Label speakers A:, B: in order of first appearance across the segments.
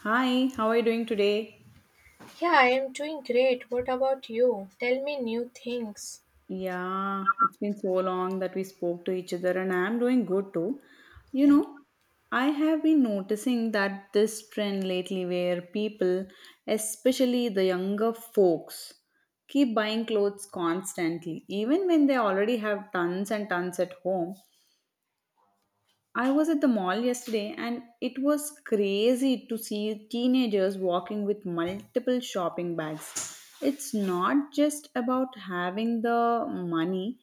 A: Hi, how are you doing today?
B: Yeah, I am doing great. What about you? Tell me new things.
A: Yeah, it's been so long that we spoke to each other, and I'm doing good too. You
B: Yeah.
A: know, I have been noticing that this trend lately where people, especially the younger folks, keep buying clothes constantly, even when they already have tons and tons at home. I was at the mall yesterday and it was crazy to see teenagers walking with multiple shopping bags. It's not just about having the money.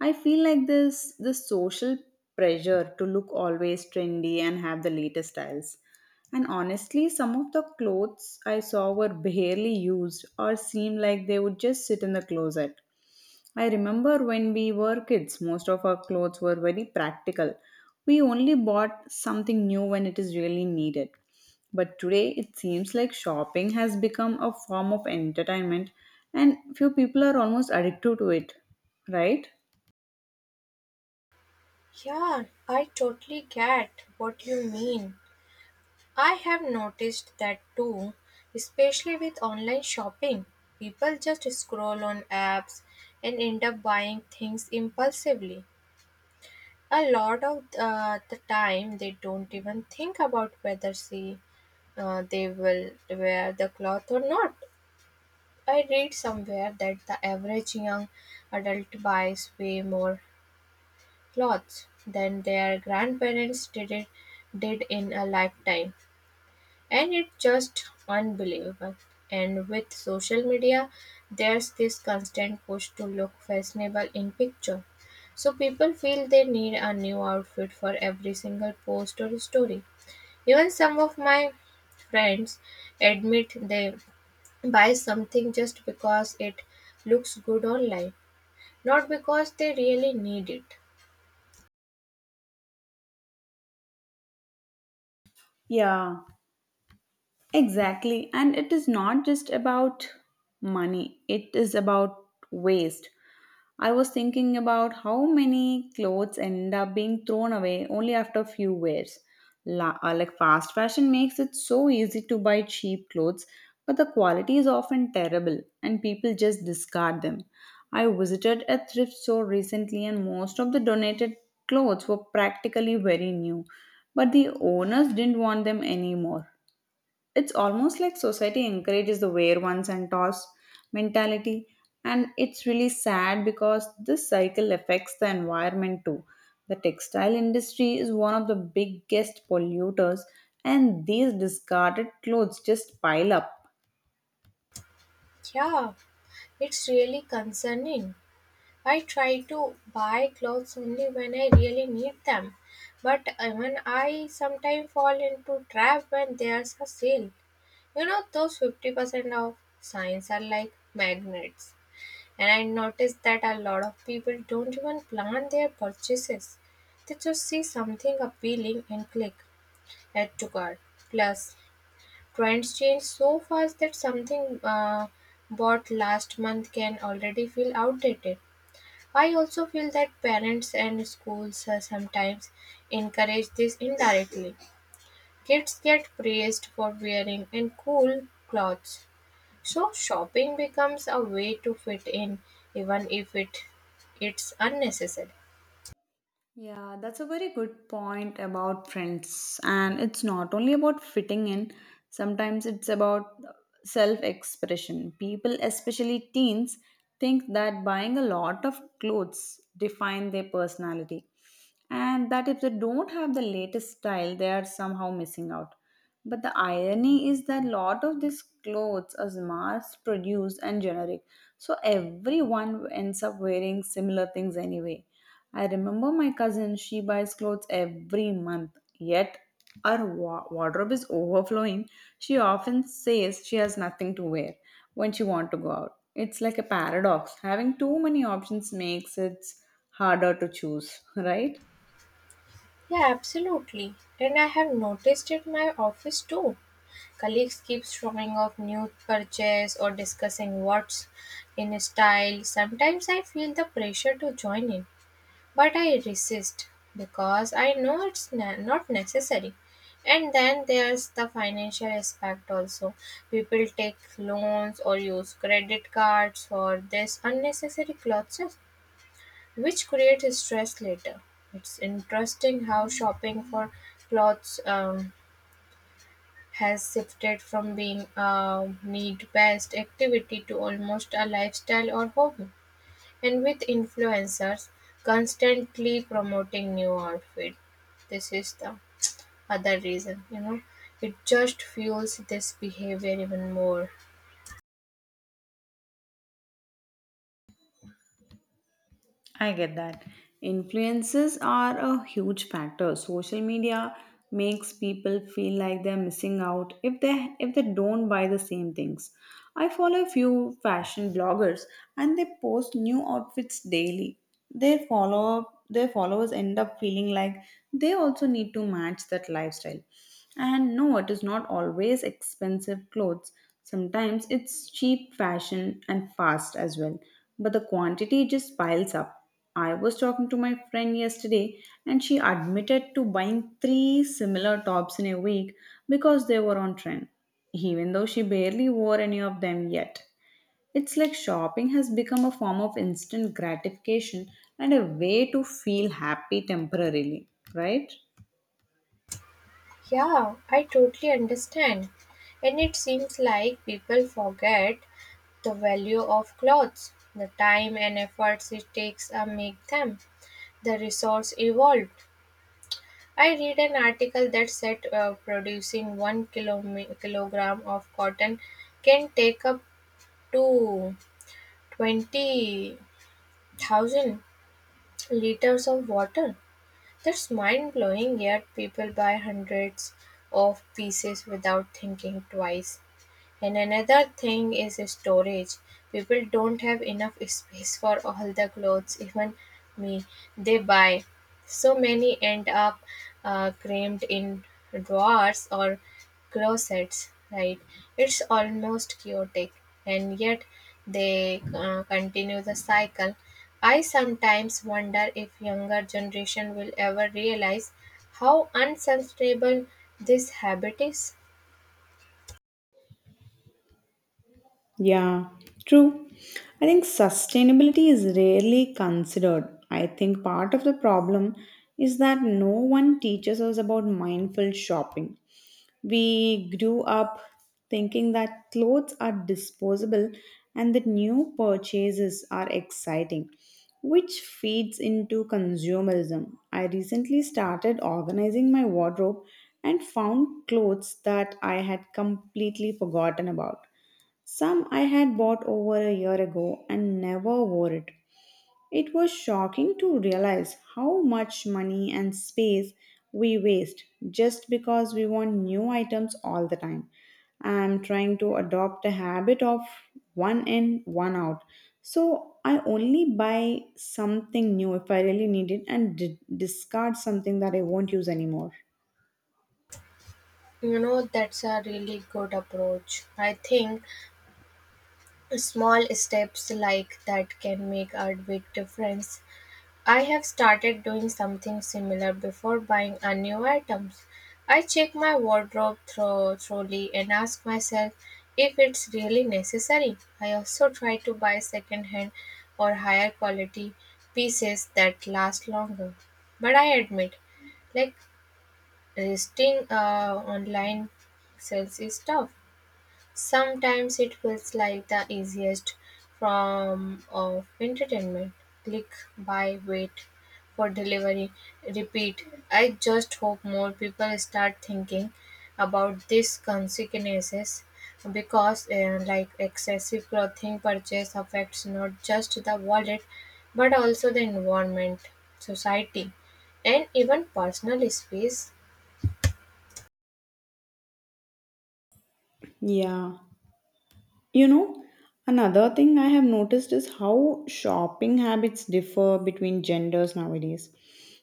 A: I feel like this the social pressure to look always trendy and have the latest styles. And honestly, some of the clothes I saw were barely used or seemed like they would just sit in the closet. I remember when we were kids, most of our clothes were very practical. We only bought something new when it is really needed. But today, it seems like shopping has become a form of entertainment, and few people are almost addicted to it, right?
B: Yeah, I totally get what you mean. I have noticed that too, especially with online shopping. People just scroll on apps and end up buying things impulsively. A lot of the time, they don't even think about whether they will wear the cloth or not. I read somewhere that the average young adult buys way more clothes than their grandparents did in a lifetime. And it's just unbelievable. And with social media, there's this constant push to look fashionable in picture. So people feel they need a new outfit for every single post or story. Even some of my friends admit they buy something just because it looks good online, not because they really need it.
A: Yeah. Exactly. And it is not just about money, it is about waste. I was thinking about how many clothes end up being thrown away only after a few wears. Like fast fashion makes it so easy to buy cheap clothes, but the quality is often terrible and people just discard them. I visited a thrift store recently and most of the donated clothes were practically very new, but the owners didn't want them anymore. It's almost like society encourages the wear once and toss mentality, and it's really sad because this cycle affects the environment too. The textile industry is one of the biggest polluters, and these discarded clothes just pile up.
B: Yeah, it's really concerning. I try to buy clothes only when I really need them, but even I sometimes fall into trap when there's a sale. You know, those 50% of signs are like magnets, and I noticed that a lot of people don't even plan their purchases. They just see something appealing and click. Add to cart. Plus, trends change so fast that something bought last month can already feel outdated. I also feel that parents and schools sometimes encourage this indirectly. Kids get praised for wearing and cool clothes. So shopping becomes a way to fit in even if it's unnecessary.
A: Yeah, that's a very good point about friends. And it's not only about fitting in, sometimes it's about self expression. People, especially teens, think that buying a lot of clothes define their personality, and that if they don't have the latest style, they are somehow missing out. But the irony is that lot of these clothes are mass produced and generic, so everyone ends up wearing similar things anyway. I remember my cousin, she buys clothes every month, yet her wardrobe is overflowing. She often says she has nothing to wear when she wants to go out. It's like a paradox. Having too many options makes it harder to choose, right?
B: Yeah, absolutely. And I have noticed at my office too. Colleagues keep showing off new purchase or discussing what's in style. Sometimes I feel the pressure to join in, but I resist because I know it's not necessary. And then there's the financial aspect also. People take loans or use credit cards for this unnecessary clothes which creates stress later. It's interesting how shopping for clothes has shifted from being a need-based activity to almost a lifestyle or hobby. And with influencers constantly promoting new outfit, this is the other reason. You know, it just fuels this behavior even more.
A: I get that. Influences are a huge factor. Social media makes people feel like they're missing out if they don't buy the same things. I follow a few fashion bloggers and they post new outfits daily. Their followers end up feeling like they also need to match that lifestyle. And no, it is not always expensive clothes. Sometimes it's cheap fashion and fast as well, but the quantity just piles up. I was talking to my friend yesterday and she admitted to buying three similar tops in a week because they were on trend, even though she barely wore any of them yet. It's like shopping has become a form of instant gratification and a way to feel happy temporarily, right?
B: Yeah, I totally understand. And it seems like people forget the value of clothes, the time and efforts it takes to make them, the resource involved. I read an article that said producing kilogram of cotton can take up to 20,000 liters of water. That's mind blowing, yet people buy hundreds of pieces without thinking twice. And another thing is storage. People don't have enough space for all the clothes, even me, they buy. So many end up crammed in drawers or closets, right? It's almost chaotic, and yet they continue the cycle. I sometimes wonder if younger generation will ever realize how unsustainable this habit is.
A: Yeah, true. I think sustainability is rarely considered. I think part of the problem is that no one teaches us about mindful shopping. We grew up thinking that clothes are disposable and that new purchases are exciting, which feeds into consumerism. I recently started organizing my wardrobe and found clothes that I had completely forgotten about. Some I had bought over a year ago and never wore it. It was shocking to realize how much money and space we waste just because we want new items all the time. I am trying to adopt a habit of one in, one out. So I only buy something new if I really need it and discard something that I won't use anymore.
B: You know, that's a really good approach. I think small steps like that can make a big difference. I have started doing something similar before buying a new items. I check my wardrobe thoroughly and ask myself if it's really necessary. I also try to buy second hand or higher quality pieces that last longer. But I admit, like listing online sales is tough. Sometimes it feels like the easiest form of entertainment. Click, buy, wait for delivery, repeat. I just hope more people start thinking about these consequences because like excessive clothing purchase affects not just the wallet but also the environment, society and even personal space.
A: Yeah. You know, another thing I have noticed is how shopping habits differ between genders nowadays.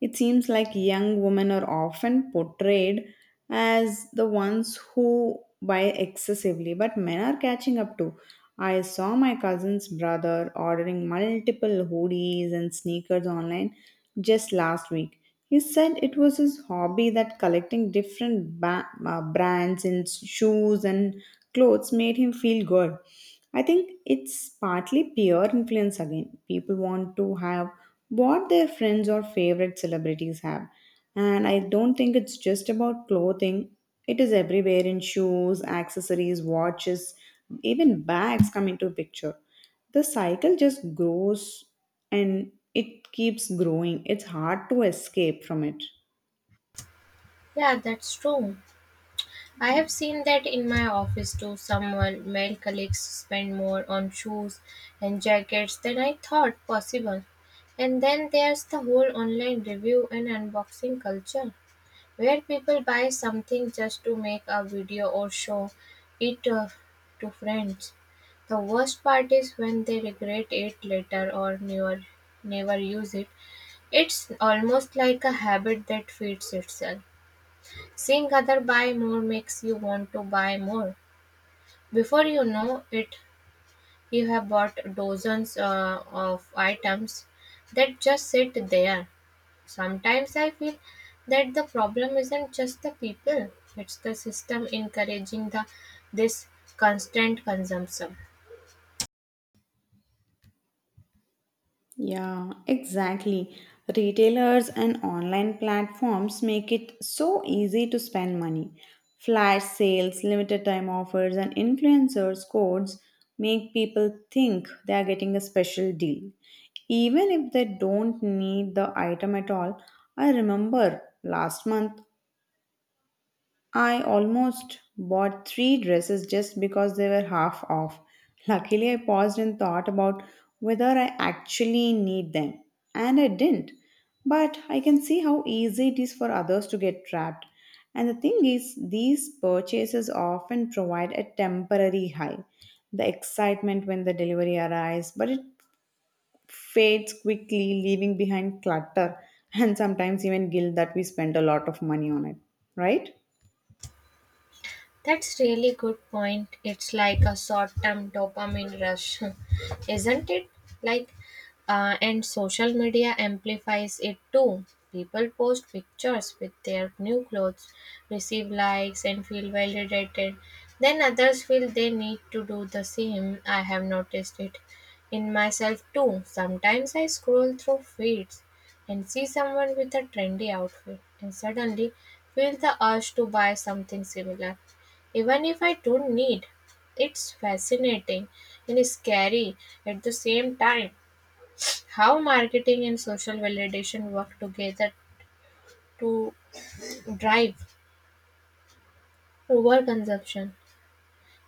A: It seems like young women are often portrayed as the ones who buy excessively, but men are catching up too. I saw my cousin's brother ordering multiple hoodies and sneakers online just last week. He said it was his hobby, that collecting different brands and shoes and clothes made him feel good. I think it's partly peer influence again. People want to have what their friends or favorite celebrities have. And I don't think it's just about clothing, it is everywhere in shoes, accessories, watches, even bags come into picture. The cycle just grows and it keeps growing. It's hard to escape from it.
B: Yeah, that's true. I have seen that in my office too. Someone, male colleagues spend more on shoes and jackets than I thought possible. And then there's the whole online review and unboxing culture, where people buy something just to make a video or show it to friends. The worst part is when they regret it later or never use it. It's almost like a habit that feeds itself. Seeing other buy more makes you want to buy more. Before you know it, you have bought dozens of items that just sit there. Sometimes I feel that the problem isn't just the people, it's the system encouraging the this constant consumption.
A: Yeah, exactly. Retailers and online platforms make it so easy to spend money. Flash sales, limited time offers, and influencers' codes make people think they are getting a special deal. Even if they don't need the item at all, I remember last month I almost bought three dresses just because they were half off. Luckily, I paused and thought about whether I actually need them, and I didn't. But I can see how easy it is for others to get trapped. And the thing is, these purchases often provide a temporary high, the excitement when the delivery arrives, but it fades quickly, leaving behind clutter and sometimes even guilt that we spent a lot of money on it, right?
B: That's really good point. It's like a short-term dopamine rush, isn't it? Like, and social media amplifies it too. People post pictures with their new clothes, receive likes, and feel validated. Then others feel they need to do the same. I have noticed it in myself too. Sometimes I scroll through feeds and see someone with a trendy outfit and suddenly feel the urge to buy something similar even if I don't need. It's fascinating and scary at the same time how marketing and social validation work together to drive overconsumption.